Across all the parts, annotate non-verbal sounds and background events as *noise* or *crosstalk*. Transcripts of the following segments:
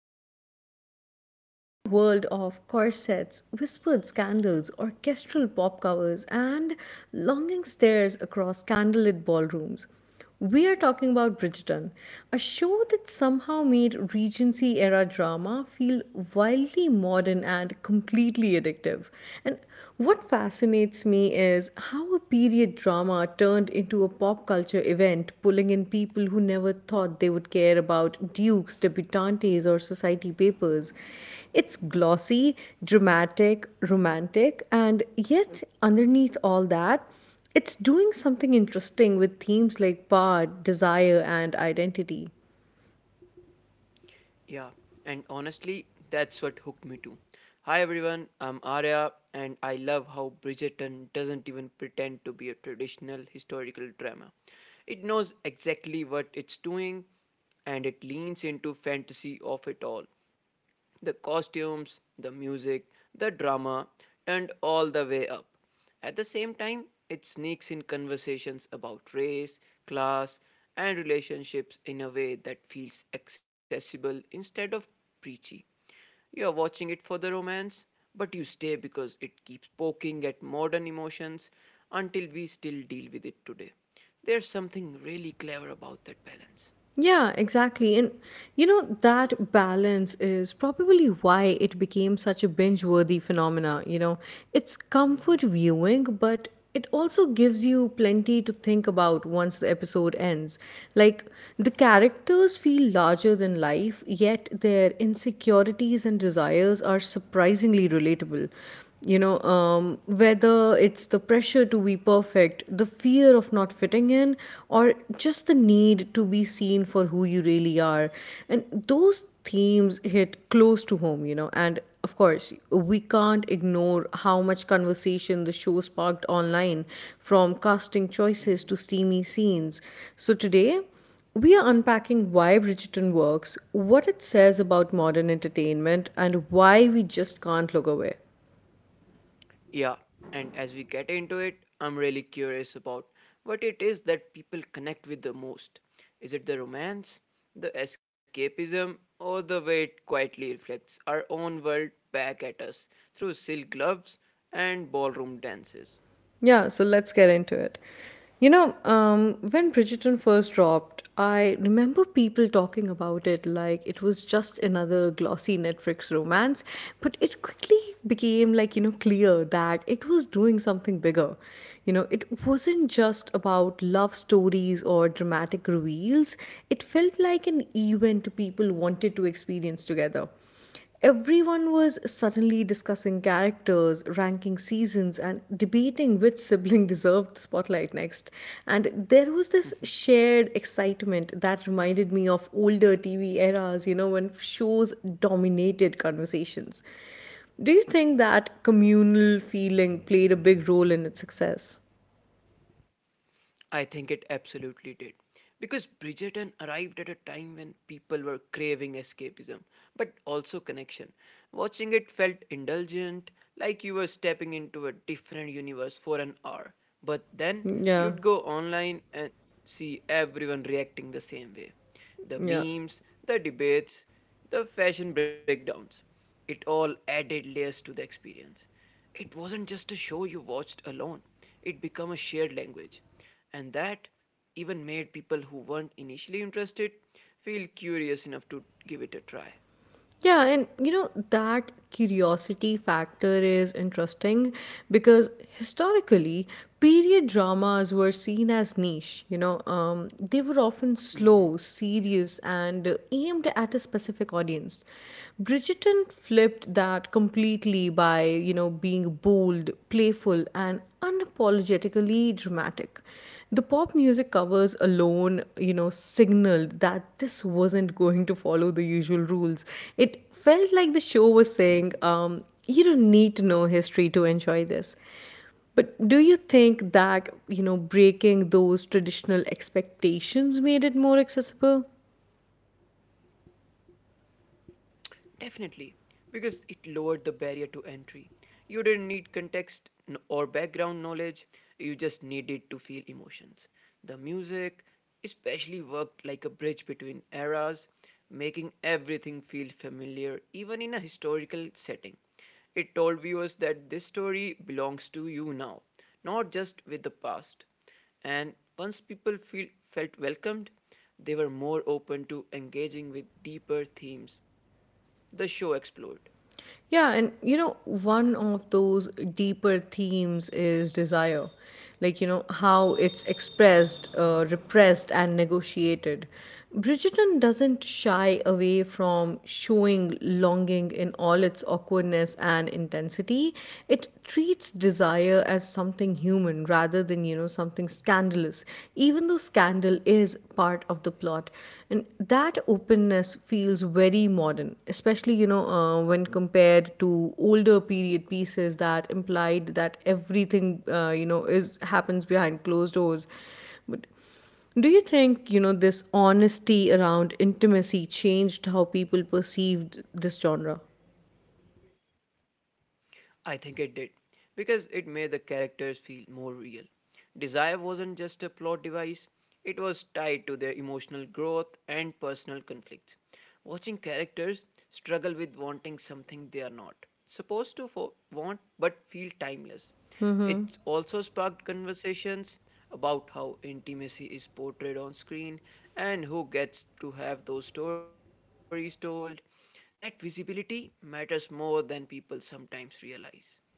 today we are stepping into a world of corsets, whispered scandals, orchestral pop covers, and longing stares across candlelit ballrooms. We are talking about Bridgerton, a show that somehow made Regency era drama feel wildly modern and completely addictive. And what fascinates me is how a period drama turned into a pop culture event, pulling in people who never thought they would care about dukes, debutantes, or society papers. It's glossy, dramatic, romantic, and yet underneath all that, it's doing something interesting with themes like power, desire, and identity. Yeah, and honestly, that's what hooked me too. Hi everyone, I'm Arya, and I love how Bridgerton doesn't even pretend to be a traditional historical drama. It knows exactly what it's doing, and it leans into fantasy of it all the costumes, the music, the drama, and all the way up. At the same time, it sneaks in conversations about race, class, and relationships in a way that feels accessible instead of preachy. You are watching it for the romance, but you stay because it keeps poking at modern emotions until we still deal with it today. There's something really clever about that balance. Yeah, exactly. And that balance is probably why it became such a binge worthy phenomena. It's Mm-hmm. comfort viewing, but it also gives you plenty to think about once the episode ends. Like, the characters feel larger than life, yet their insecurities and desires are surprisingly relatable. Whether it's the pressure to be perfect, the fear of not fitting in, or just the need to be seen for who you really are, and those themes hit close to home. And of course we can't ignore how much conversation the show sparked online, from casting choices to steamy scenes. So today we are unpacking why Bridgerton works, what it says about modern entertainment, and why we just can't look away. Yeah, and as we get into it, I'm really curious about what it is that people connect with the most. Is it the romance, the escapism, or the way it quietly reflects our own world back at us through silk gloves and ballroom dances? Yeah, so let's get into it. When Bridgerton first dropped, I remember people talking about it like it was just another glossy Netflix romance, but it quickly became clear that it was doing something bigger. It wasn't just about love stories or dramatic reveals, it felt like an event people wanted to experience together. Everyone was suddenly discussing characters, ranking seasons, and debating which sibling *laughs* deserved the spotlight next. And there was this shared excitement that reminded me of older TV eras, you know, when shows dominated conversations. Do you think that communal feeling played a big role in its success? I think it absolutely did. Because Bridgerton arrived at a time when people were craving escapism, but also connection. Watching it felt indulgent, like you were stepping into a different universe for an hour. But then Yeah, you'd go online and see everyone reacting the same way the yeah. memes, the debates, the fashion breakdowns. It all added layers to the experience. It wasn't just a show you watched alone, it became a shared language. And that even made people who weren't initially interested feel curious enough to give it a try. Yeah, and that curiosity factor is interesting because historically, period dramas were seen as niche. They were often slow, Yeah. serious, and aimed at a specific audience. Bridgerton flipped that completely by, you know, being bold, playful, and unapologetically dramatic. The pop music covers alone, you know, signaled that this wasn't going to follow the usual rules. It felt like the show was saying, you don't need to know history to enjoy this. But do you think that, you know, breaking those traditional expectations made it more accessible? Definitely, because it lowered the barrier to entry. You didn't need or background knowledge, you just needed to feel emotions. The music especially worked like a bridge between eras, making everything feel familiar, even in a historical setting. It told viewers that this story belongs to you now, not just with the past. And once felt welcomed, they were more open to engaging with deeper themes the show explored. Yeah, and one of those deeper themes is desire. How it's expressed, repressed, and negotiated. Bridgerton doesn't shy away from showing longing in all its awkwardness and intensity. It treats desire as something human rather than, you know, something scandalous, even though scandal is part of the plot. And that openness feels very modern, especially, when compared to older period pieces that implied that everything, is happens behind closed doors. But do you think, you know, this honesty around intimacy changed how people perceived this genre? I think it did, because it made the characters feel more real. Desire wasn't just a plot device, it was tied to their emotional growth and personal conflicts. Watching characters struggle with wanting something they are not supposed to want but feel timeless. It also sparked conversations about how intimacy is portrayed on screen and who gets to have those stories told. That visibility matters more than people sometimes realize.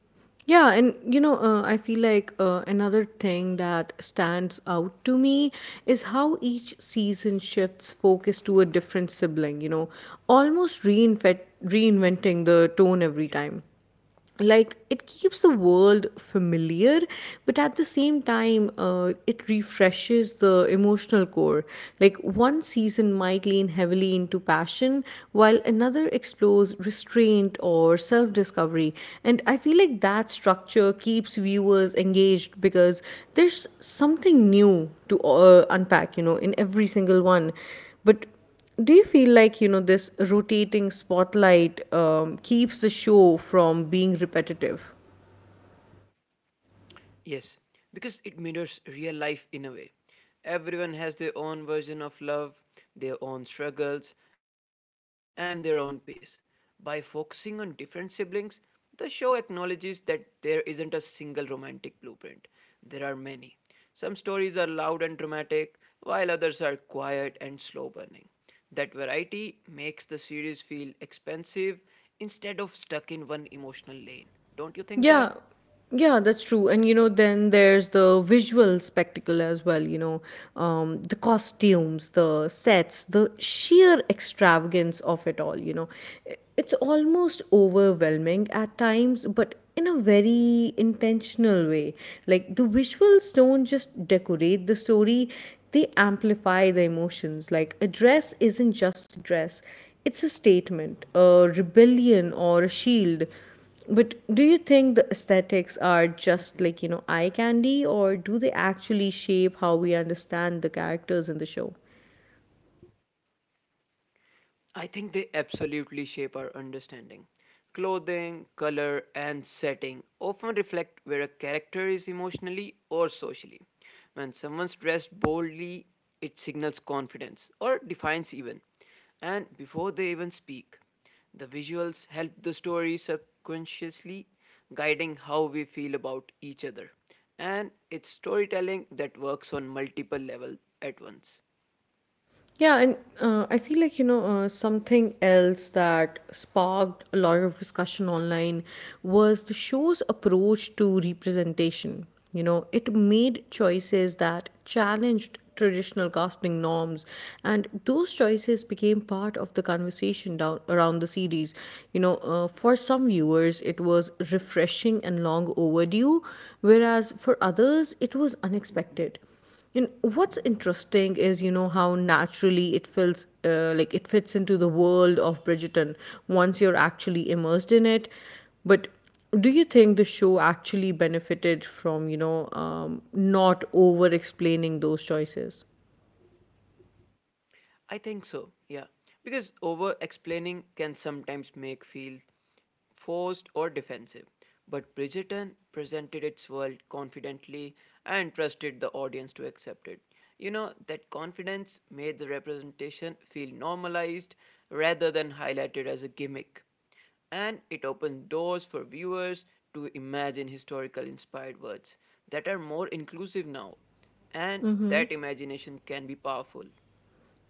Yeah, and I feel like another thing that stands out to me is how each season shifts focus to a different sibling, you know, almost reinventing the tone every time, Yeah. like it keeps the world familiar, but at the same time it refreshes the emotional core. Like one season might lean heavily into passion while another explores restraint or self discovery. And I feel like that structure keeps viewers engaged because there's something new to unpack, you know, in every single one. But do you feel like, you know, this rotating spotlight keeps the show from being repetitive? Yes. Because it mirrors real life in a way. Everyone has their own version of love, their own struggles, and their own pace. By focusing on different siblings, the show acknowledges that there isn't a single romantic blueprint. There are many. Some stories are loud and dramatic, while others are quiet and slow burning. That variety makes the series feel expansive instead of stuck in one emotional lane. Don't you Yeah, think that? yeah, that's true. And then there's the visual spectacle as well, the costumes, the sets, the sheer extravagance of it all, you know. It's almost overwhelming at times, but in a very intentional way. Like the visuals don't just decorate the story, they amplify the emotions. Like a dress isn't just a dress, it's a statement, a rebellion, or a shield. But do you think the aesthetics are just like, you know, eye candy, or do they actually shape how we understand the characters in the show? I think they absolutely shape our understanding. Clothing, color, and setting often reflect where a character is emotionally or socially. When someone's dressed boldly, it signals confidence or defiance, even. And before they even speak, the visuals help the story subconsciously, guiding how we feel about each other. And it's storytelling that works on multiple levels at once. Yeah, and I feel like, something else that sparked a lot of discussion online was the show's approach to representation. You know, it made choices that challenged traditional casting norms, and those choices became part of the conversation down around the series. For some viewers, it was refreshing and long overdue, whereas for others, it was Mm-hmm. unexpected. And what's interesting is, you know, how naturally it feels, like it fits into the world of Bridgerton once you're actually immersed in it. But do you think the show actually benefited from, not over explaining those choices? I think so, yeah. Because over explaining can sometimes make feel forced or defensive. But Bridgerton presented its world confidently and trusted the audience to accept it. You know, that confidence made the representation feel normalized rather than highlighted as a gimmick. And it opened doors for viewers to imagine historical inspired words that are more inclusive now. And that imagination can be powerful.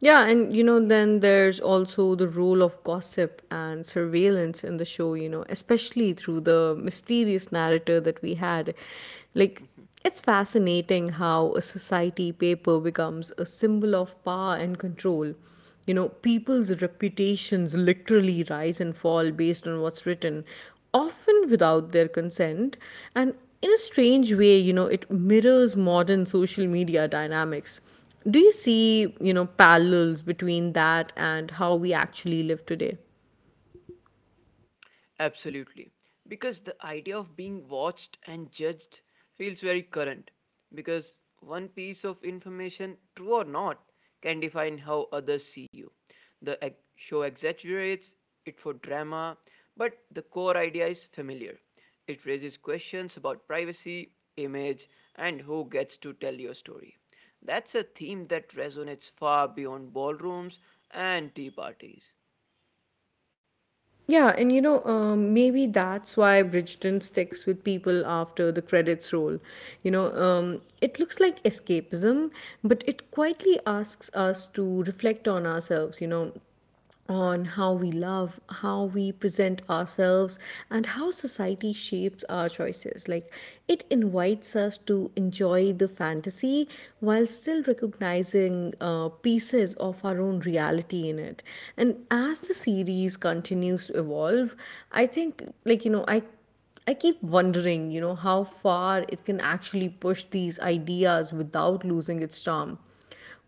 Yeah, and then Yeah. there's also the role of gossip and surveillance in the show, you know, especially through the mysterious narrator that we had. Like, it's fascinating how a society paper becomes a symbol of power and control. You know, people's reputations literally rise and fall based on what's written, often without their consent. And in a strange way, you know, it mirrors modern social media dynamics. Do you see, you know, parallels between that and how we actually live today? Absolutely. Because the idea of being watched and judged feels very current. Because one piece of information, true or not, can define how others see you. The show exaggerates it for drama, but the core idea is familiar. It raises questions about privacy, image, and who gets to tell your story. That's a theme that resonates far beyond ballrooms and tea parties. Yeah, and maybe that's why Bridgerton sticks with people after the credits roll. It looks like escapism, but it quietly asks us to reflect on ourselves, you know, on how we love, how we present ourselves, and how society shapes our choices. Like, it invites us to enjoy the fantasy while still recognizing pieces of our own reality in it. And as the series Mm-hmm. continues to evolve, I think, I keep wondering, you know, how far it can actually push these ideas without losing its charm.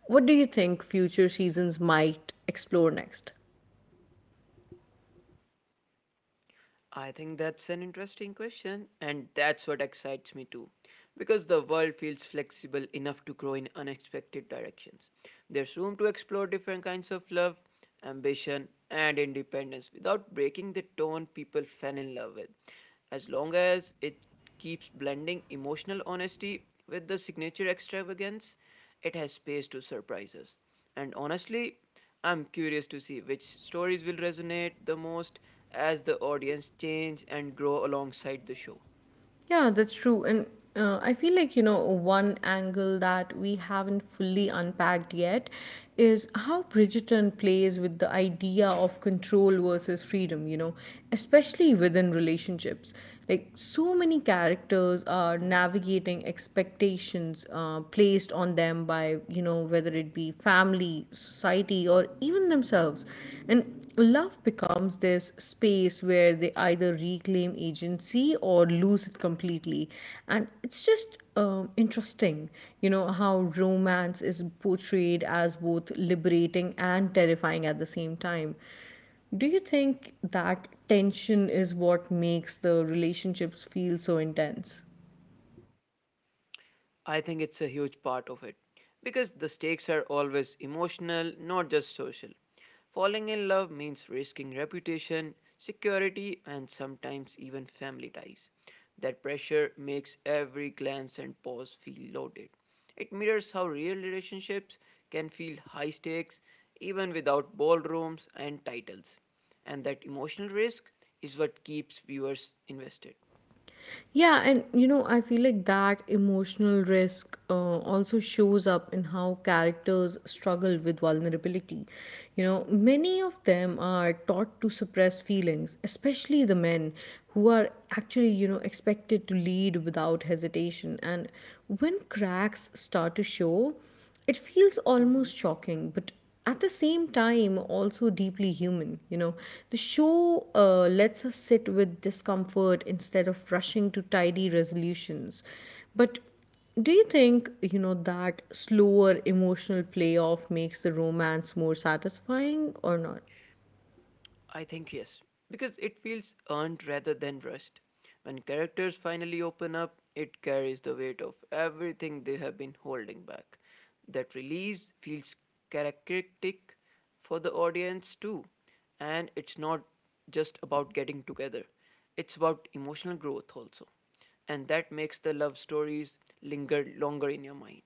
What do you think future seasons might explore next? I think that's an interesting question, and that's what excites me too. Because the world feels flexible enough to grow in unexpected directions. There's room to explore different kinds of love, ambition, and independence without breaking the tone people fell in love with. As long as it keeps blending emotional honesty with the signature extravagance, it has space to surprise us. And honestly, I'm curious to see which stories will resonate the most as the audience change and grow alongside the show. Yeah, that's true. And I feel like, one angle that we haven't fully unpacked yet is how Bridgerton plays with the idea of control versus freedom, you know, especially within relationships. Like, so many characters are navigating expectations placed on them by, you know, whether it be family, society, or even themselves. And love becomes this space where they either reclaim agency or lose it completely. And it's just interesting, you know, how romance is portrayed as both liberating and terrifying at the same time. Do you think that tension is what makes the relationships feel so intense? I think it's a huge part of it because the stakes are always emotional, not just social. Falling in love means risking reputation, security, and sometimes even family ties. That pressure makes every glance and pause feel loaded. It mirrors how real relationships can feel high stakes even without ballrooms and titles. And that emotional risk is what keeps viewers invested. Yeah, and I feel like that emotional risk also shows up in how characters struggle with vulnerability. You know, many of them are taught to suppress feelings, especially the men who are actually, you know, expected to lead without hesitation. And when cracks start to show, it feels almost shocking, but at the same time, also deeply human. You know, the show lets us sit with discomfort instead of rushing to tidy resolutions. But do you think, that slower emotional playoff makes the romance more satisfying or not? I think yes, because it feels earned rather than rushed. When characters finally open up, it carries the weight of everything they have been holding back. That release feels characteristic for the audience too, and it's not just about getting together, it's about emotional growth also. And that makes the love stories linger longer in your mind.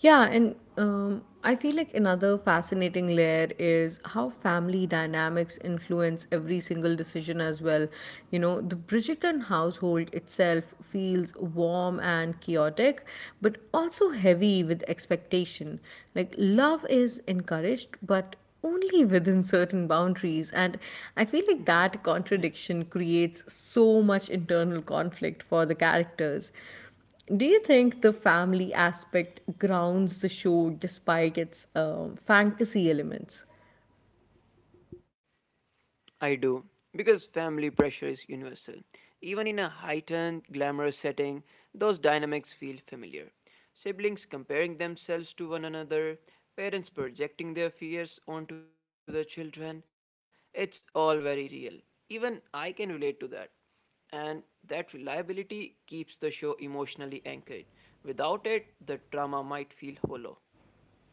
Yeah, and I feel like another fascinating layer is how family dynamics influence every single decision as well. You know, the Bridgerton household itself feels warm and chaotic, but also heavy with expectation. Like, love is encouraged, but only within certain boundaries. And I feel like that contradiction Yeah. creates so much internal conflict for the characters. Do you think the family aspect grounds the show despite its fantasy elements? I do, because family pressure is universal. Even in a heightened, glamorous setting, those dynamics feel familiar. Siblings comparing themselves to one another, parents projecting their fears onto their children, it's all very real. Even I can relate to that. And that reliability keeps the show emotionally anchored. Without it, the drama might feel hollow.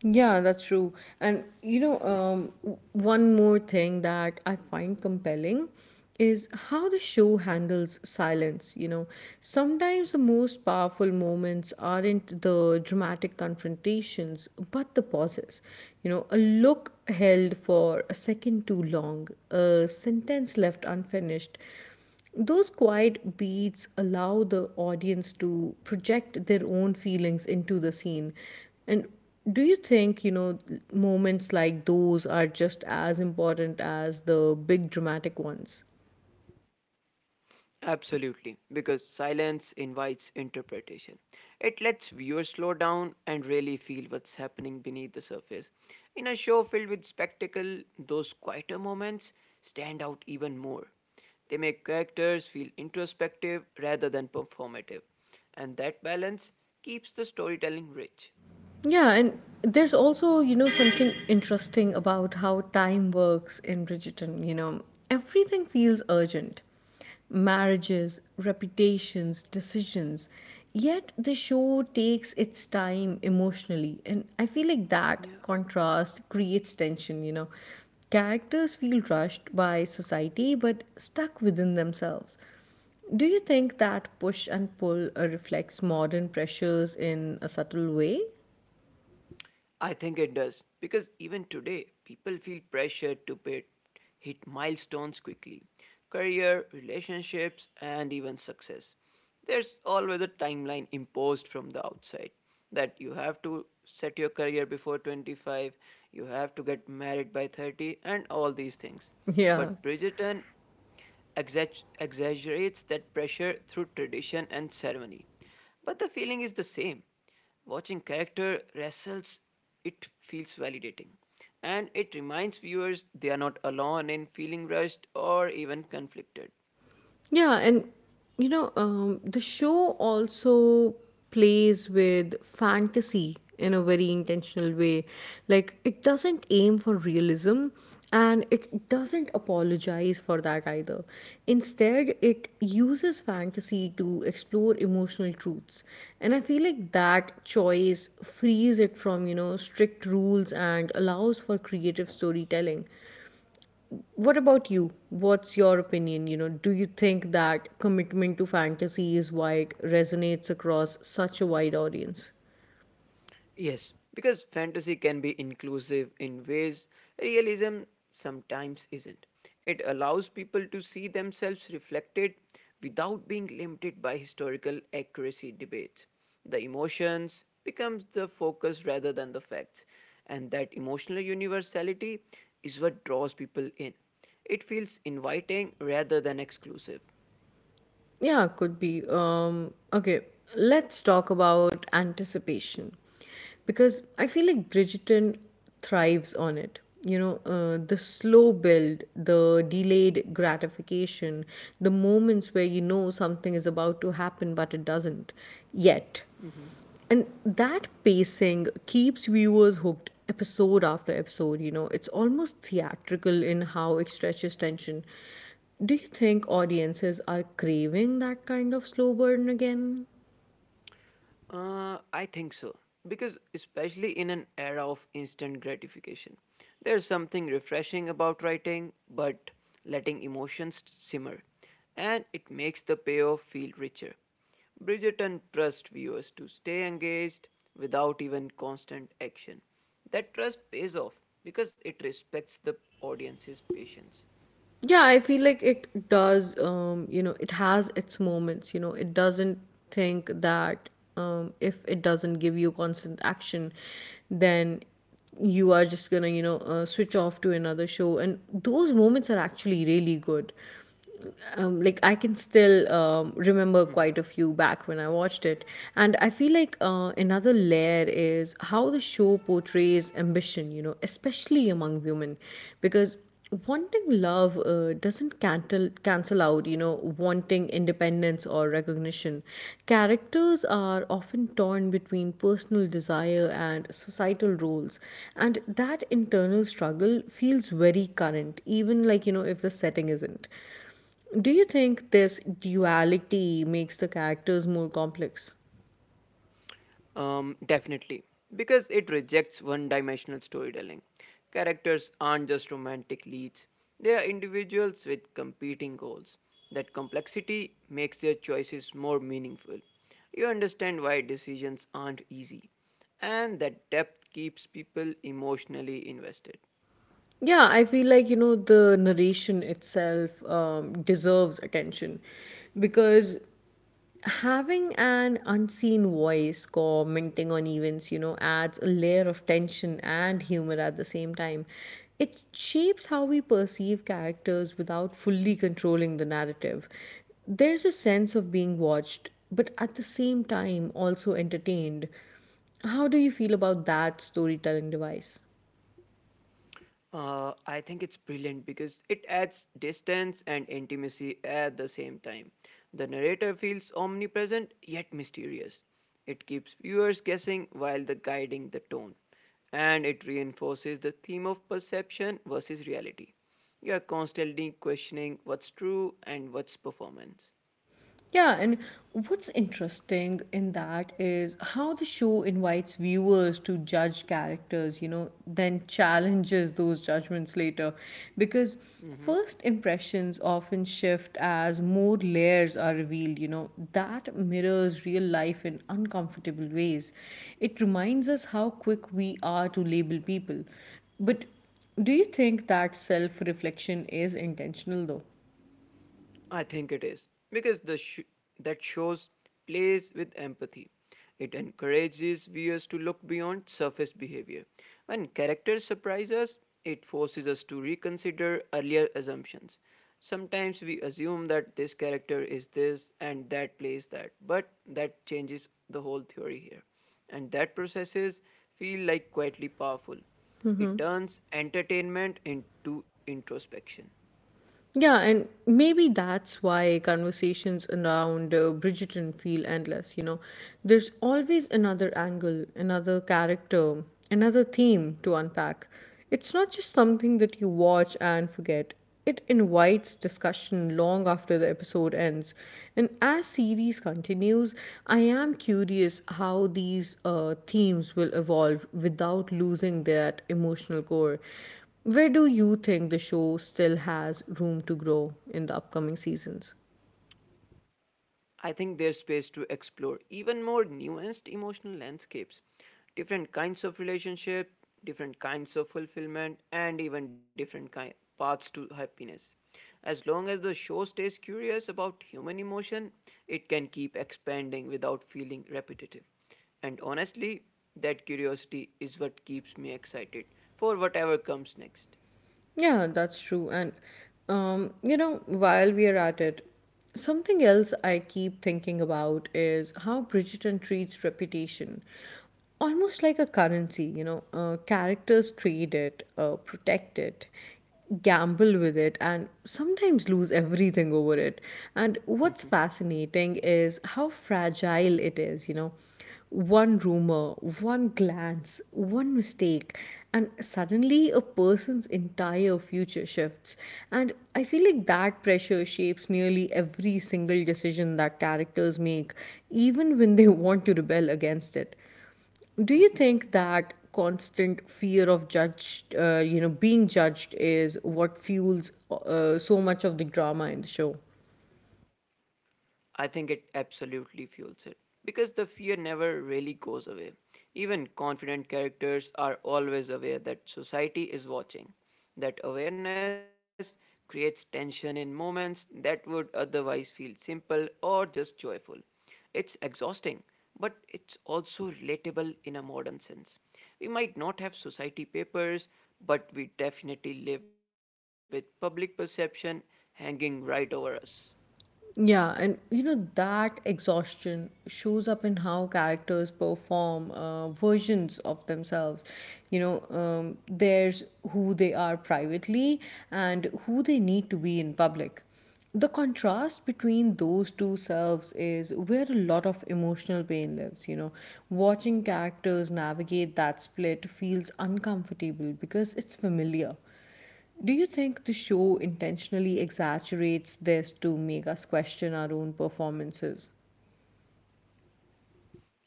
Yeah, that's true. And Yeah. One more thing that I find compelling is how the show handles silence. You know, sometimes the most powerful moments aren't the dramatic confrontations, but the pauses. You know, a look held for a second too long, a sentence left unfinished. Those quiet beats allow the audience to project their own feelings into the scene. And do you think, moments like those are just as important as the big dramatic ones? Absolutely, because silence invites interpretation. It lets viewers slow down and really feel what's happening beneath the surface. In a show filled with spectacle, those quieter moments stand out even more. They make characters feel introspective rather than performative, and that balance keeps the storytelling rich. Yeah, and there's also, you know, something interesting about how time works in Bridgerton. You know, everything feels urgent, marriages, reputations, decisions. Yet the show takes its time emotionally. And I feel like that Yeah. contrast creates tension, you know. Characters feel rushed by society but stuck within themselves. Do you think that push and pull reflects modern pressures in a subtle way? I think it does because even today people feel pressured to pay, hit milestones quickly career, relationships, and even success. There's always a timeline imposed from the outside that you have to set your career before 25, you have to get married by 30, and all these things. Yeah. But Bridgerton exaggerates that pressure through tradition and ceremony. But the feeling is the same. Watching character wrestles, it feels validating. And it reminds viewers they are not alone in feeling rushed or even conflicted. Yeah. And, the show also plays with fantasy in a very intentional way. Like, it doesn't aim for realism and it doesn't apologize for that either. Instead, it uses fantasy to explore emotional truths. And I feel like that choice frees it from, strict rules and allows for creative storytelling. What about you? What's your opinion? Do you think that commitment to fantasy is why it resonates across such a wide audience? Yes, because fantasy can be inclusive in ways realism sometimes isn't. It allows people to see themselves reflected without being limited by historical accuracy debates. The emotions becomes the focus rather than the facts, and that emotional universality is what draws people in. It feels inviting rather than exclusive. Yeah, could be. Okay, let's talk about anticipation because I feel like Bridgerton thrives on it. The slow build, the delayed gratification, the moments where you know something is about to happen but it doesn't yet. Mm-hmm. And that pacing keeps viewers hooked episode after episode. It's almost theatrical in how it stretches tension. Do you think audiences are craving that kind of slow burn again? I think so. Because, especially in an era of instant gratification, there's something refreshing about writing, but letting emotions simmer. And it makes the payoff feel richer. Bridgerton trusts viewers to stay engaged without even constant action. That trust pays off because it respects the audience's patience. Yeah, I feel like it does, you know, it has its moments, it doesn't think that if it doesn't give you constant action, then you are just gonna switch off to another show, and those moments are actually really good. Like, I can still remember quite a few back when I watched it, and I feel like another layer is how the show portrays ambition, you know, especially among women, because wanting love doesn't cancel out, you know, wanting independence or recognition. Characters are often torn between personal desire and societal roles, and that internal struggle feels very current, even like you know if the setting isn't. Do you think this duality makes the characters more complex? Definitely, because it rejects one dimensional storytelling. Characters aren't just romantic leads, they are individuals with competing goals. That complexity makes their choices more meaningful. You understand why decisions aren't easy, and that depth keeps people emotionally invested. Yeah, I feel like, you know, the narration itself deserves attention because having an unseen voice commenting on events, you know, adds a layer of tension and humor at the same time. It shapes how we perceive characters without fully controlling the narrative. There's a sense of being watched, but at the same time also entertained. How do you feel about that storytelling device? I think it's brilliant because it adds distance and intimacy at the same time. The narrator feels omnipresent yet mysterious. It keeps viewers guessing while the guiding the tone, and it reinforces the theme of perception versus reality. You are constantly questioning what's true and what's performance. Yeah, and what's interesting in that is how the show invites viewers to judge characters, you know, then challenges those judgments later. Because Mm-hmm. first impressions often shift as more layers are revealed, you know, that mirrors real life in uncomfortable ways. It reminds us how quick we are to label people. But do you think that self reflection is intentional though? I think it is because that shows plays with empathy. It encourages viewers to look beyond surface behavior. When characters surprise us, it forces us to reconsider earlier assumptions. Sometimes we assume that this character is this and that plays that, but that changes the whole theory here. And that processes feel like quietly powerful. It turns entertainment into introspection. Yeah, and maybe that's why conversations around Bridgerton feel endless. There's always another angle, another character, another theme to unpack. It's not just something that you watch and forget. It invites discussion long after the episode ends. And as series continues, I am curious how these themes will evolve without losing that emotional core. Where do you think the show still has room to grow in the upcoming seasons? I think there's space to explore even more nuanced emotional landscapes, different kinds of relationship, different kinds of fulfillment, and even paths to happiness. As long as the show stays curious about human emotion, it can keep expanding without feeling repetitive. And honestly, that curiosity is what keeps me excited for whatever comes next. Yeah, that's true. And you know, while we are at it, something else I keep thinking about is how Bridgerton treats reputation. Almost like a currency, you know, characters trade it, protect it, gamble with it, and sometimes lose everything over it. And what's *laughs* fascinating is how fragile it is. One rumor, one glance, one mistake, and suddenly a person's entire future shifts. And I feel like that pressure shapes nearly every single decision that characters make, even when they *laughs* want to rebel against it. Do you think that constant fear of you know, being judged is what fuels so much of the drama in the show? I think it absolutely fuels it because the fear never really goes away. Even confident characters are always aware that society is watching. That awareness creates tension in moments that would otherwise feel simple or just joyful. It's exhausting, but it's also relatable in a modern sense. We might not have society papers, but we definitely live with public perception hanging right over us. Yeah, and you know that exhaustion shows up in how characters perform versions of themselves. There's who they are privately and who they need to be in public. The contrast between those two selves is where a lot of emotional pain lives. You know, watching characters navigate that split feels uncomfortable because it's familiar. Do you think the show intentionally exaggerates this to make us question our own performances?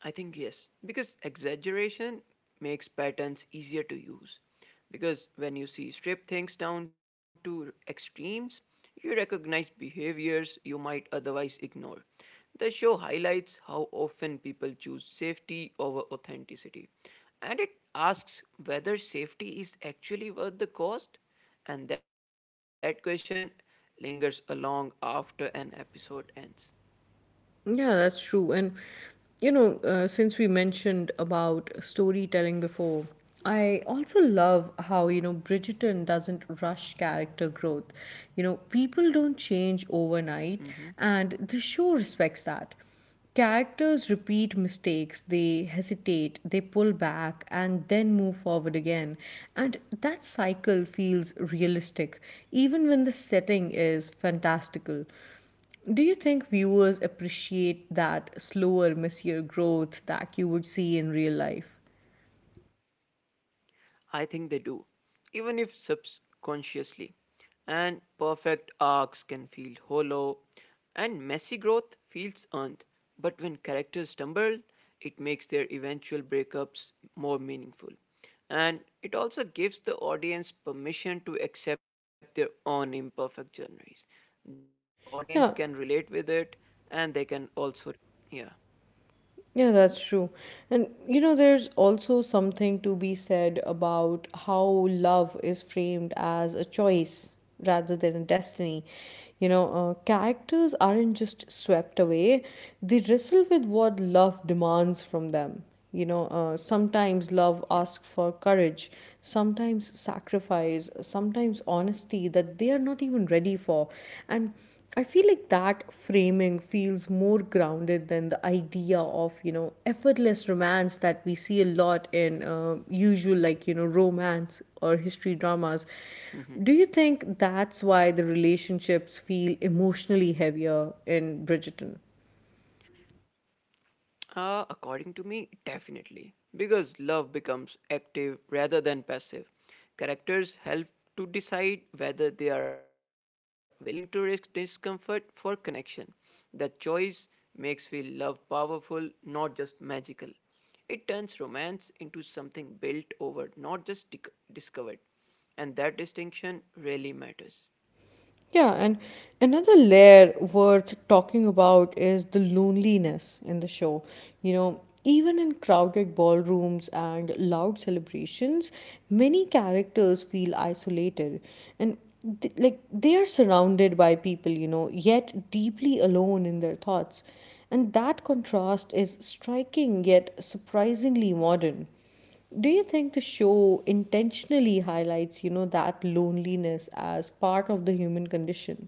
I think yes, because exaggeration makes patterns easier to use. Because when you see strip things down to extremes, you recognize behaviors you might otherwise ignore. The show highlights how often people choose safety over authenticity, and it asks whether safety is actually worth the cost, and that question lingers along after an episode ends. Yeah, that's true. And you know, since we mentioned about storytelling before, I also love how, you know, Bridgerton doesn't rush character growth. You know, people don't change overnight, Mhm. and the show respects that. Characters repeat mistakes, they hesitate, they pull back, and then move forward again. And that cycle feels realistic, even when the setting is fantastical. Do you think viewers appreciate that slower, messier growth that you would see in real life? I think they do, even if subconsciously. And perfect arcs can feel hollow, and messy growth feels earned. But when characters stumble, it makes their eventual breakups more meaningful. And it also gives the audience permission to accept their own imperfect journeys. The audience can relate with Yeah, it, and they can also, yeah, Yeah, that's true. And you know, there's also something to be said about how love is framed as a choice rather than a destiny. You know, characters aren't just swept away, they wrestle with what love demands from them. You know, sometimes love yeah, asks for courage, sometimes sacrifice, sometimes honesty that they are not even ready for. And I feel like that framing feels more grounded than the idea of, you know, effortless romance that we see a lot in usual, like, you know, romance or history dramas. Do you think that's yeah. why the relationships feel emotionally heavier in Bridgerton? According to me, definitely. Because love becomes active rather than passive. Characters help to decide whether they are willing to risk discomfort for connection. The choice makes feel love powerful, not just magical. It turns romance into something built over, not just discovered. And that distinction really matters. Yeah, and another layer worth talking about is the loneliness in the show. You know, even in crowded ballrooms and loud celebrations, many characters feel isolated, and like they are surrounded by people, you know, yet deeply alone in their thoughts. And that contrast is striking yet surprisingly modern. Do you think the show intentionally highlights, you know, that loneliness as part of the human condition?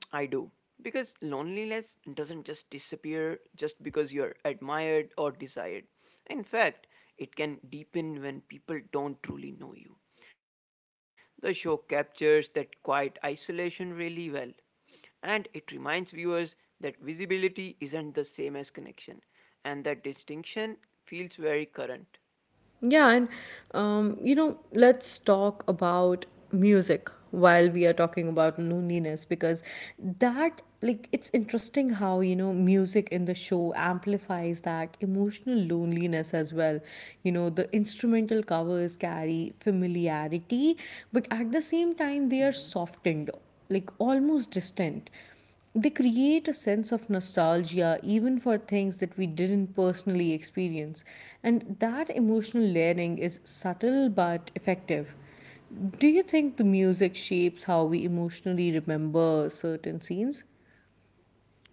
Mm, I do. Because loneliness doesn't just disappear just because you're admired or desired. In fact, it can deepen when people don't truly know you. The show captures that quiet isolation really well. And it reminds viewers that visibility isn't the same as connection, and that distinction feels very current. Yeah, and you know, let's talk about music while we are talking about loneliness because that, like, it's interesting how you know music in the show amplifies that emotional loneliness as well. You know the instrumental covers carry familiarity, but at the same time they are Mm-hmm. softened, like almost distant. They create a sense of nostalgia even for things that we didn't personally experience. And that emotional layering is subtle but effective. Do you think the music shapes how we emotionally remember certain scenes?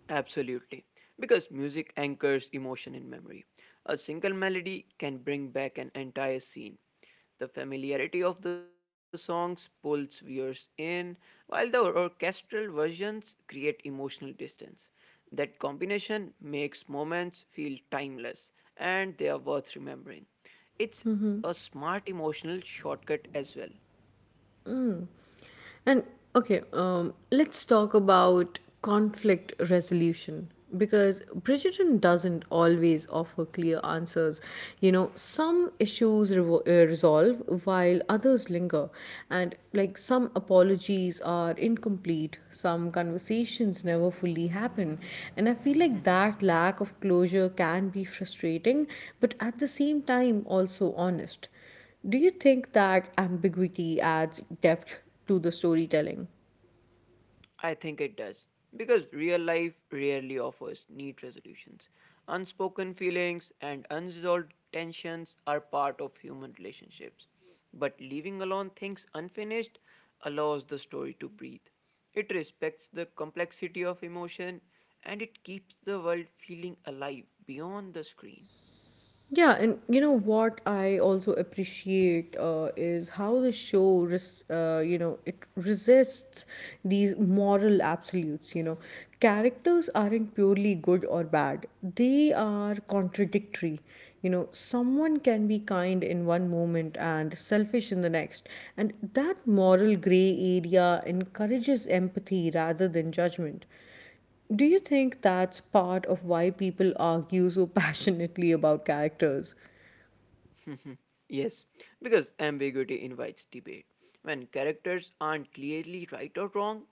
Absolutely. Because music anchors emotion in memory. A single melody can bring back an entire scene. The familiarity of the songs pulls viewers in, while the orchestral versions create emotional distance. That combination makes moments feel timeless and they are worth remembering. It's a smart emotional shortcut as well. And okay, let's talk about conflict resolution because Bridgerton doesn't always offer clear answers. You know, some issues resolve while others linger, and like some apologies are incomplete, some conversations never fully happen. And I feel like Mm-hmm. that lack of closure can be frustrating, but at the same time, also honest. Do you think that ambiguity adds depth to the storytelling? I think it does. Because real life rarely offers neat resolutions. Unspoken feelings and unresolved tensions are part of human relationships. But leaving alone things unfinished allows the story to breathe. It respects the complexity of emotion and it keeps the world feeling alive beyond the screen. Yeah, and you know what I also appreciate is how the show, you know, it resists these moral absolutes. You know, characters aren't purely good or bad; they are contradictory. You know, someone can be kind in one moment and selfish in the next, and that moral gray area encourages empathy rather than judgment. Do you think that's part of why people argue so *laughs* passionately about characters? Yes, because ambiguity invites debate. When characters aren't clearly right or wrong,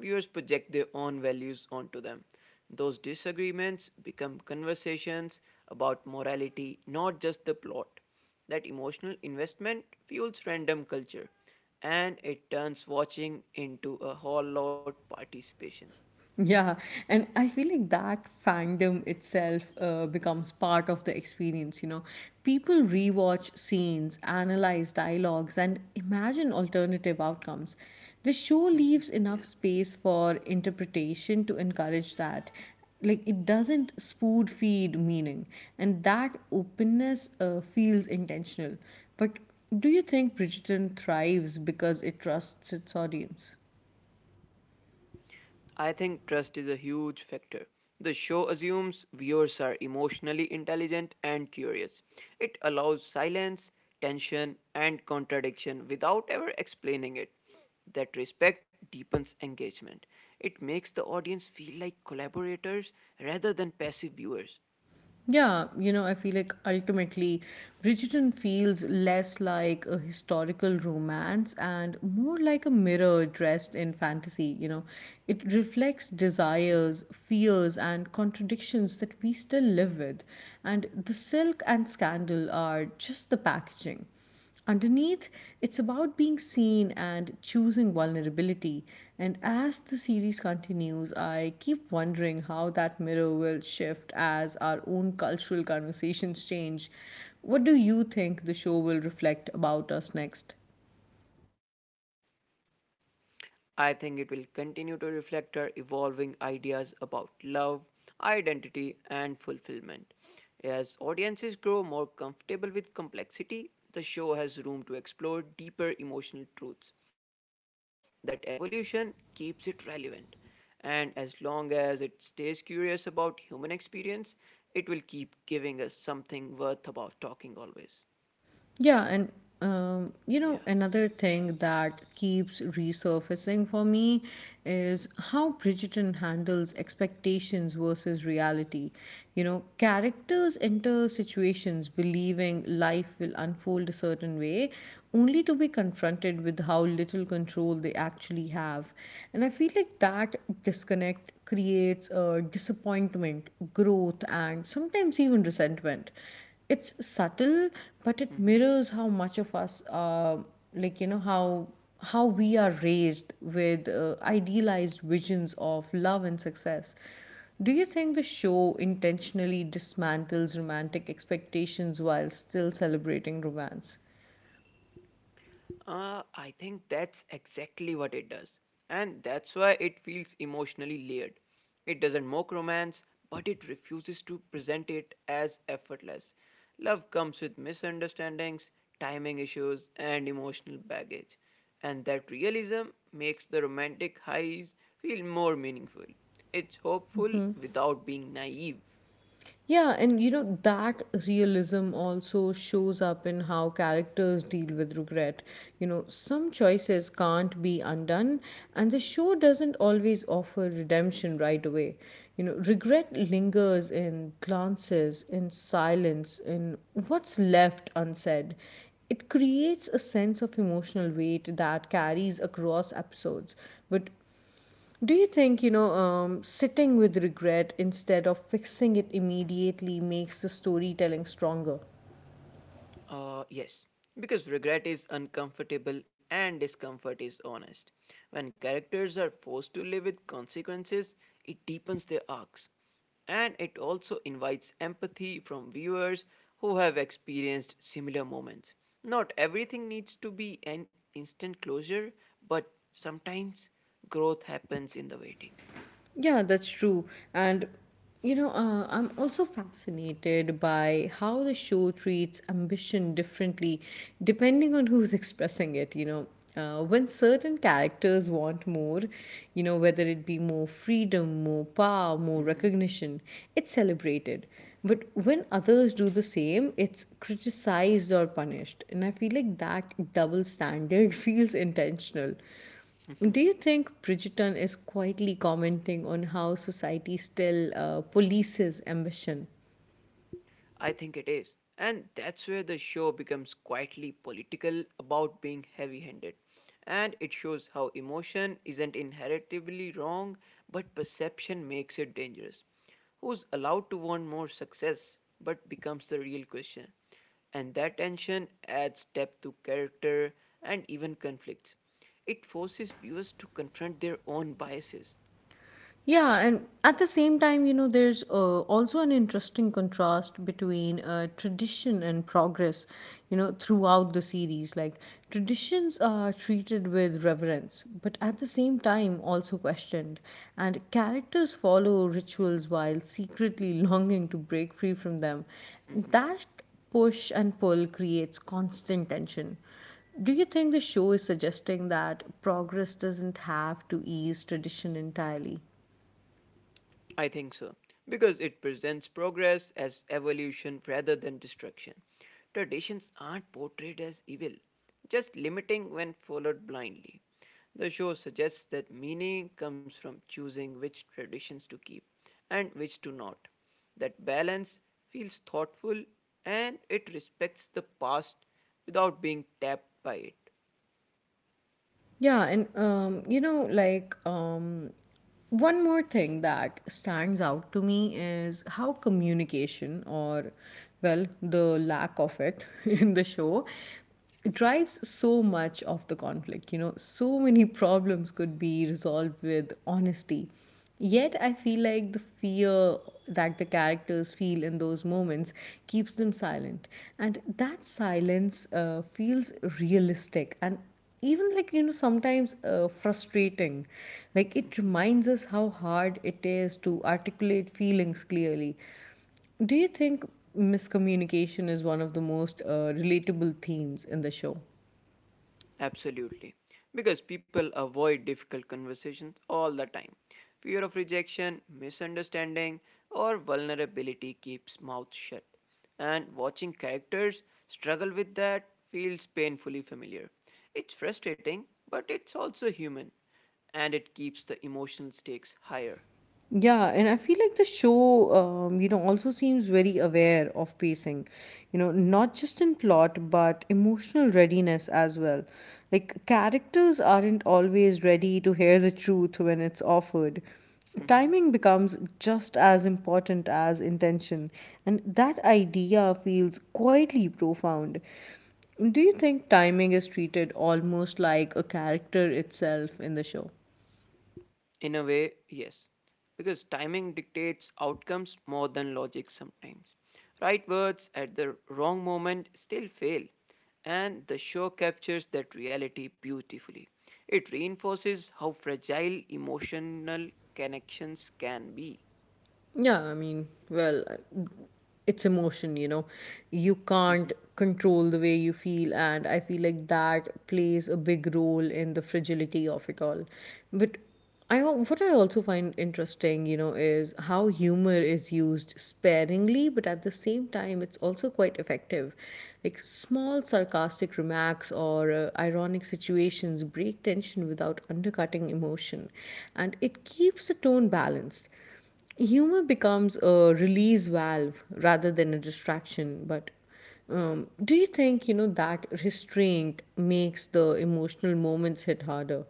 viewers project their own values onto them. Those disagreements become conversations about morality, not just the plot. That emotional investment fuels random culture and it turns watching into a whole lot participation. Yeah, and I feel like that fandom itself becomes part of the experience. You know, people rewatch scenes, analyze dialogues, and imagine alternative outcomes. The show leaves enough Yeah. space for interpretation to encourage that. Like, it doesn't spoon feed meaning, and that openness feels intentional. But do you think Bridgerton thrives because it trusts its audience? I think trust is a huge factor. The show assumes viewers are emotionally intelligent and curious. It allows silence, tension, and contradiction without ever explaining it. That respect deepens engagement. It makes the audience feel like collaborators rather than passive viewers. Yeah, you know, I feel like ultimately Bridgerton feels less like a historical romance and more like a mirror dressed in fantasy, you know. It reflects desires, fears, and contradictions that we still live with, and the silk and scandal are just the packaging. Underneath, it's about being seen and choosing vulnerability. And as the series continues, I keep wondering how that mirror will shift as our own cultural conversations change. What do you think the show will reflect about us next? I think it will continue to reflect our evolving ideas about love, identity, and fulfillment. As audiences grow more comfortable with complexity, the show has room to explore deeper emotional truths. That evolution keeps it relevant, and as long as it stays curious about human experience, it will keep giving us something worth about talking always. Yeah, and you know, Yeah. another thing that keeps resurfacing for me is how Bridgerton handles expectations versus reality. You know, characters enter situations believing life will unfold a certain way, only to be confronted with how little control they actually have. And I feel like that disconnect creates a disappointment, growth, and sometimes even resentment. It's subtle, but it Mm-hmm. mirrors how much of us like you know how we are raised with idealized visions of love and success. Do you think the show intentionally dismantles romantic expectations while still celebrating romance? I think that's exactly what it does. And that's why it feels emotionally layered. It doesn't mock romance, but it refuses to present it as effortless. Love comes with misunderstandings, timing issues, and emotional baggage. And that realism makes the romantic highs feel more meaningful. It's hopeful without being naive. Yeah, and you know, that realism also shows up in how characters deal with regret. You know, some choices can't be undone, and the show doesn't always offer redemption right away. You know, regret lingers in glances, in silence, in what's left unsaid. It creates a sense of emotional weight that carries across episodes. But do you think, you know, sitting with regret instead of fixing it immediately makes the storytelling stronger? Yes, because regret is uncomfortable and discomfort is honest. When characters are forced to live with consequences, it deepens their arcs. And it also invites empathy from viewers who have experienced similar moments. Not everything needs to be an instant closure, but sometimes growth happens in the waiting. Yeah, that's true. And you know, I'm also fascinated by how the show treats ambition differently depending on who's *laughs* expressing it, you know. When certain characters want more, you know, whether it be more freedom, more power, more Mm-hmm. recognition, it's celebrated. But when others do the same, it's criticized or punished. And I feel like that double standard *laughs* feels intentional. Do you think Bridgerton is quietly commenting on how society still polices ambition? I think it is. And that's where the show becomes quietly political about being heavy handed. And it shows how emotion isn't inherently wrong, but perception makes it dangerous. Who's allowed to want more success, but becomes the real question. And that tension adds depth to character and even conflicts. It forces viewers to confront their own biases. Yeah, and at the same time, there's also an interesting contrast between tradition and progress, you know, throughout the series. Like, traditions are treated with reverence, but at the same time, also questioned. And characters follow rituals while secretly *laughs* longing to break free from them. Mm-hmm. That push and pull creates constant tension. Do you think the show is suggesting that progress doesn't have to ease tradition entirely? I think so, because it presents progress as evolution rather than destruction. Traditions aren't portrayed as evil, just limiting when followed blindly. The show suggests that meaning comes from choosing which traditions to keep and which to not. That balance feels thoughtful and it respects the past without being tapped by it. Yeah, and you know, like one more thing that stands out to me is how communication, or well, the lack of it *laughs* in the show, drives so much of the conflict. You know, so many *laughs* problems could be resolved with honesty. Yet, I feel like the fear that the characters feel in those moments keeps them silent. And that silence feels realistic and even, like, sometimes, frustrating. Like, it reminds us how hard it is to articulate feelings clearly. Do you think miscommunication is one of the most relatable themes in the show? Absolutely. Because people avoid difficult conversations all the time. Fear of rejection, misunderstanding, or vulnerability keeps mouths shut. And watching characters struggle with that feels painfully familiar. It's frustrating, but it's also human, and it keeps the emotional stakes higher. Yeah, and I feel like the show, you know, also seems very aware of pacing, you know, not just in plot, but emotional readiness as well. Like, characters aren't always ready to hear the truth when it's offered. Timing becomes just as important as intention, and that idea feels quietly profound. Do you think timing is treated almost like a character itself in the show? In a way, yes. Because timing dictates outcomes more than logic sometimes. Right words at the wrong moment still fail, and the show captures that reality beautifully. It reinforces how fragile emotional connections can be. Yeah, I mean, well, it's emotion, you know. You can't *laughs* control the way you feel, and I feel like that plays a big role in the fragility of it all. But what I also find interesting, you know, is how humor is used sparingly, but at the same time, it's also quite effective. Like, small sarcastic remarks or ironic situations break tension without undercutting emotion, and it keeps the tone balanced. Humor becomes a release valve rather than a distraction. But do you think, that restraint makes the emotional moments hit harder?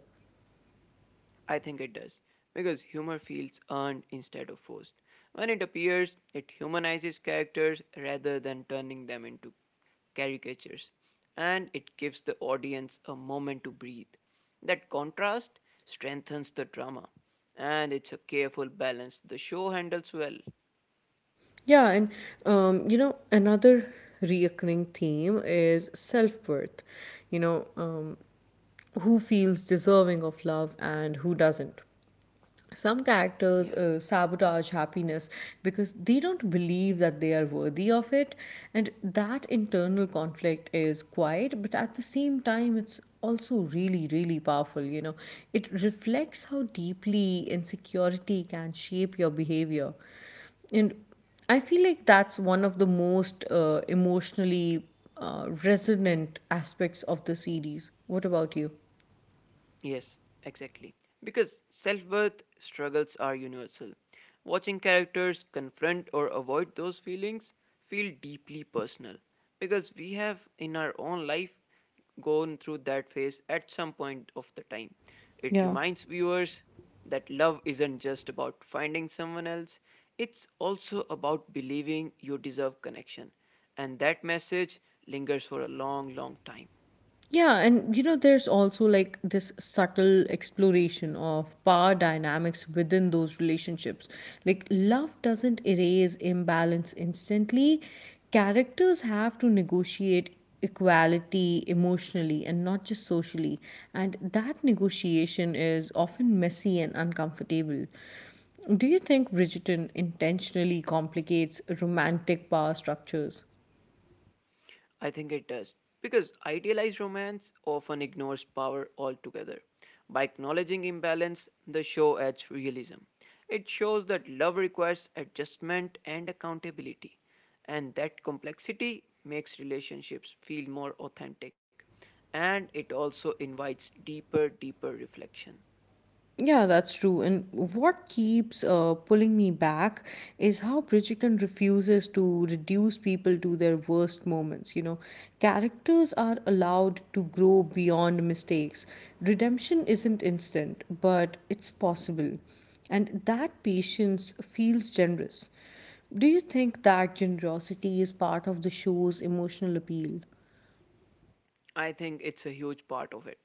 I think it does, because humor feels earned instead of forced. When it appears, it humanizes characters rather than turning them into caricatures, and it gives the audience a moment to breathe. That contrast strengthens the drama, and it's a careful balance the show handles well. Yeah, and you know, another reoccurring theme is self-worth. You know, who feels deserving of love and who doesn't. Some Yeah. characters sabotage happiness because they don't believe that they are worthy of it, and that internal conflict is quiet, but at the same time it's also really, really powerful, you know. It reflects how deeply insecurity can shape your behavior, and I feel like that's one of the most emotionally, resonant aspects of the series. What about you? Yes, exactly. Because self worth struggles are universal. Watching characters confront or avoid those feelings feel deeply personal because we have in our own life gone through that phase at some point of the time. It Yeah. reminds viewers that love isn't just about finding someone else, it's also about believing you deserve connection. And that message lingers for a long, long time. Yeah, and you know, there's also like this subtle exploration of power dynamics within those relationships. Like, love doesn't erase imbalance instantly. Characters have to negotiate equality emotionally and not just socially. And that negotiation is often messy and uncomfortable. Do you think Bridgerton intentionally complicates romantic power structures? I think it does. Because idealized romance often ignores power altogether. By acknowledging imbalance, the show adds realism. It shows that love requires adjustment and accountability, and that complexity makes relationships feel more authentic. And it also invites deeper, deeper reflection. Yeah, that's true. And what keeps pulling me back is how Bridgerton refuses to reduce people to their worst moments. You know, characters are allowed to grow beyond mistakes. Redemption isn't instant, but it's possible. And that patience feels generous. Do you think that generosity is part of the show's emotional appeal? I think it's a huge part of it.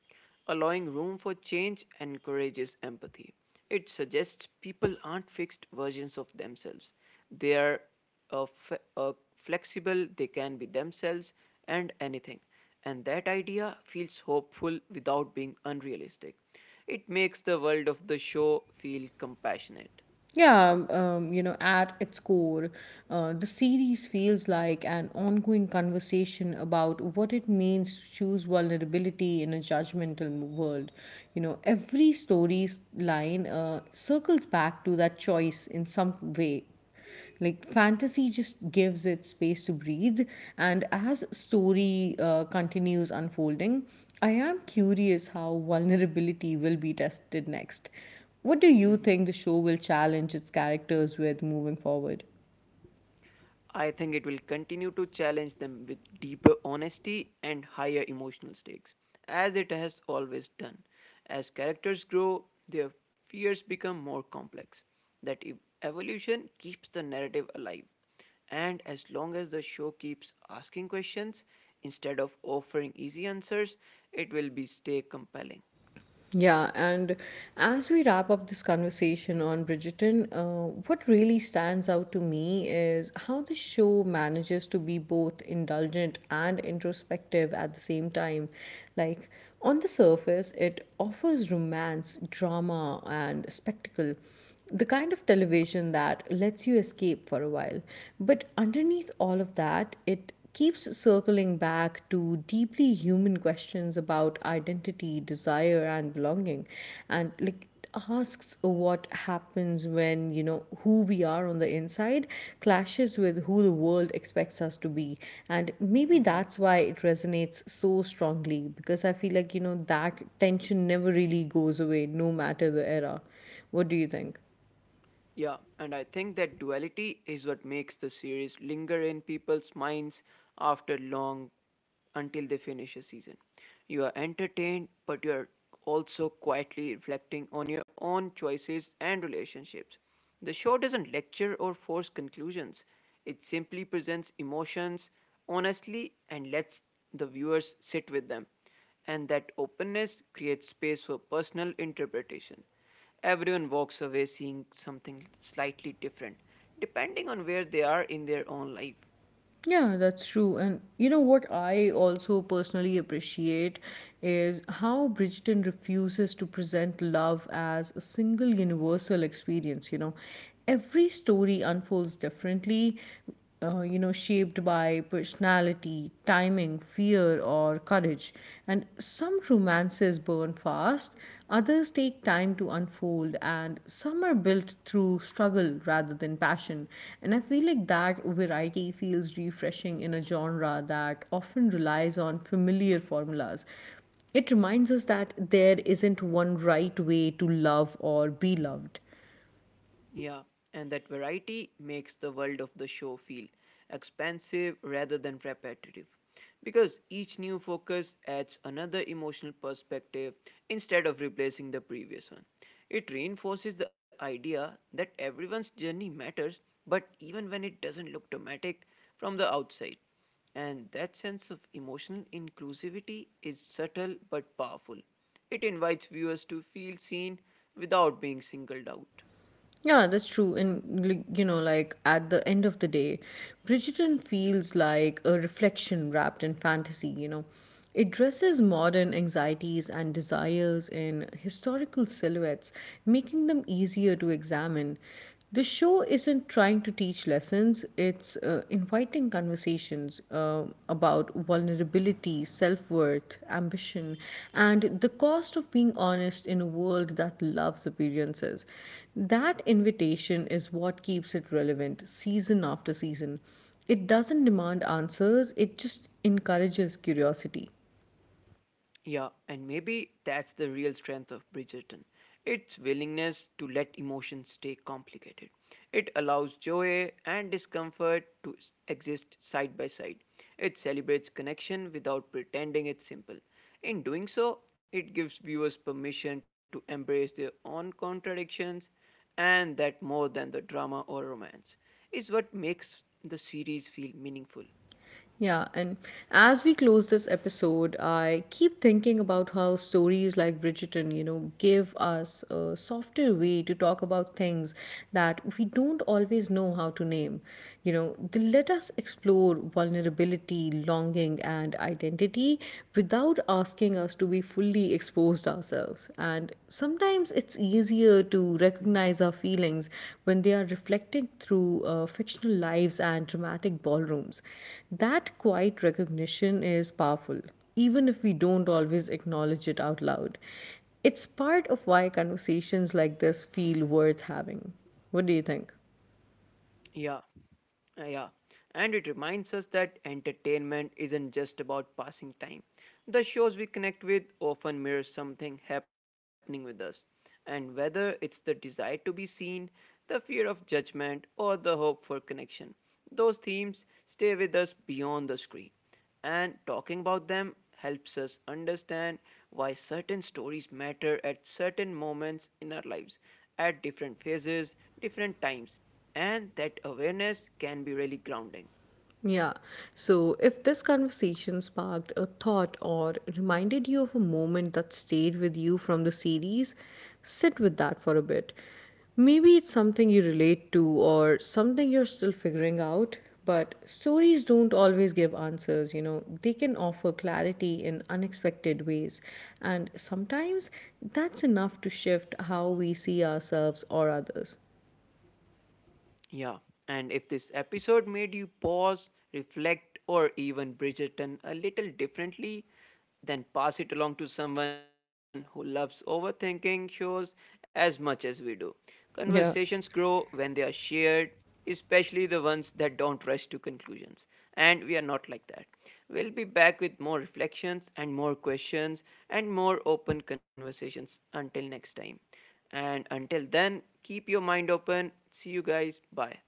Allowing room for change encourages empathy. It suggests people aren't fixed versions of themselves. They are flexible, they can be themselves and anything. And that idea feels hopeful without being unrealistic. It makes the world of the show feel compassionate. Yeah, you know, at its core, the series feels like an ongoing conversation about what it means to choose vulnerability in a world. You know, every story's line circles back to that choice in some way. Like, fantasy just gives it space to breathe, and as story continues unfolding, I am curious how vulnerability will be tested next. What do you think the show will challenge its characters with moving forward? I think it will continue to challenge them with deeper honesty and higher emotional stakes, as it has always done. As characters grow, their fears become more complex. That ev- evolution keeps the narrative alive. And as long as the show keeps asking questions instead of offering easy answers, it will be stay compelling. Yeah, and as we wrap up this conversation on Bridgerton, what really stands out to me is how the show manages to be both indulgent and introspective at the same time. Like, on the surface, it offers romance, drama, and spectacle, the kind of television that lets you escape for a while. But underneath all of that, it keeps circling back to deeply human questions about identity, desire, and belonging, and, like, asks what happens when who we are on the inside clashes with who the world expects us to be. And maybe that's why it resonates so strongly, because I feel like, that tension never really goes away, no matter the era. What do you think? Yeah, and I think that duality is what makes the series linger in people's minds after long until they finish a season. You are entertained, but you are also quietly reflecting on your own choices and relationships. The show doesn't lecture or force conclusions, it simply presents emotions honestly and lets the viewers sit with them. And that openness creates space for personal interpretation. Everyone walks away seeing something slightly different, depending on where they are in their own life. Yeah, that's true. And you know what I also personally appreciate is how Bridgerton refuses to present love as a single universal experience. You know, every story unfolds differently, you know, shaped by personality, timing, fear, or courage. And some romances burn fast, others take time to unfold, and some are built through struggle rather than passion. And I feel like that variety feels refreshing in a genre that often relies on familiar formulas. It reminds us that there isn't one right way to love or be loved. Yeah, and that variety makes the world of the show feel expansive rather than repetitive. Because each new focus adds another emotional perspective instead of replacing the previous one. It reinforces the idea that everyone's journey matters, but even when it doesn't look dramatic from the outside. And that sense of emotional inclusivity is subtle but powerful. It invites viewers to feel seen without being singled out. Yeah, that's true. And, like, you know, like, at the end of the day, Bridgerton feels like a reflection wrapped in fantasy, you know. It dresses modern anxieties and desires in historical silhouettes, making them easier to examine. The show isn't trying to teach lessons, it's inviting conversations about vulnerability, self worth, ambition, and the cost of being honest in a world that loves appearances. That invitation is what keeps it relevant season after season. It doesn't demand answers, it just encourages curiosity. Yeah, and maybe that's the real strength of Bridgerton. Its willingness to let emotions stay complicated. It allows joy and discomfort to exist side by side. It celebrates connection without pretending it's simple. In doing so, it gives viewers permission to embrace their own contradictions, and that more than the drama or romance is what makes the series feel meaningful. Yeah, and as we close this episode, I keep thinking about how stories like Bridgerton, you know, give us a softer way to talk about things that we don't always know how to name. You know, they let us explore vulnerability, longing, and identity without asking us to be fully exposed against ourselves. And sometimes it's easier to recognize our feelings when they are reflected through fictional lives and dramatic ballrooms. That quiet recognition is powerful, even if we don't always acknowledge it out loud. It's part of why conversations like this feel worth having. What do you think? Yeah, yeah. And it reminds us that entertainment isn't just about passing time. The shows we connect with often mirror something happening with us. And whether it's the desire to be seen, the fear of judgment, or the hope for connection, those themes stay with us beyond the screen and talking about them helps us understand why certain stories matter at certain moments in our lives, at different phases, different times, and that awareness can be really grounding. Yeah. So if this conversation sparked a thought or reminded you of a moment that stayed with you from the series, sit with that for a bit. Maybe it's something you relate to or something you're still figuring out, but stories don't always give answers, you know. They can offer clarity in unexpected ways, and sometimes that's enough to shift how we see ourselves or others. Yeah, and if this episode made you pause, reflect, or even Bridgerton a little differently, then pass it along to someone who loves overthinking shows as much as we do. Conversations Yeah. grow when they are shared, especially the ones that don't rush to conclusions. And we are not like that. We'll be back with more reflections and more questions and more open conversations until next time. And until then, keep your mind open. See you guys. Bye.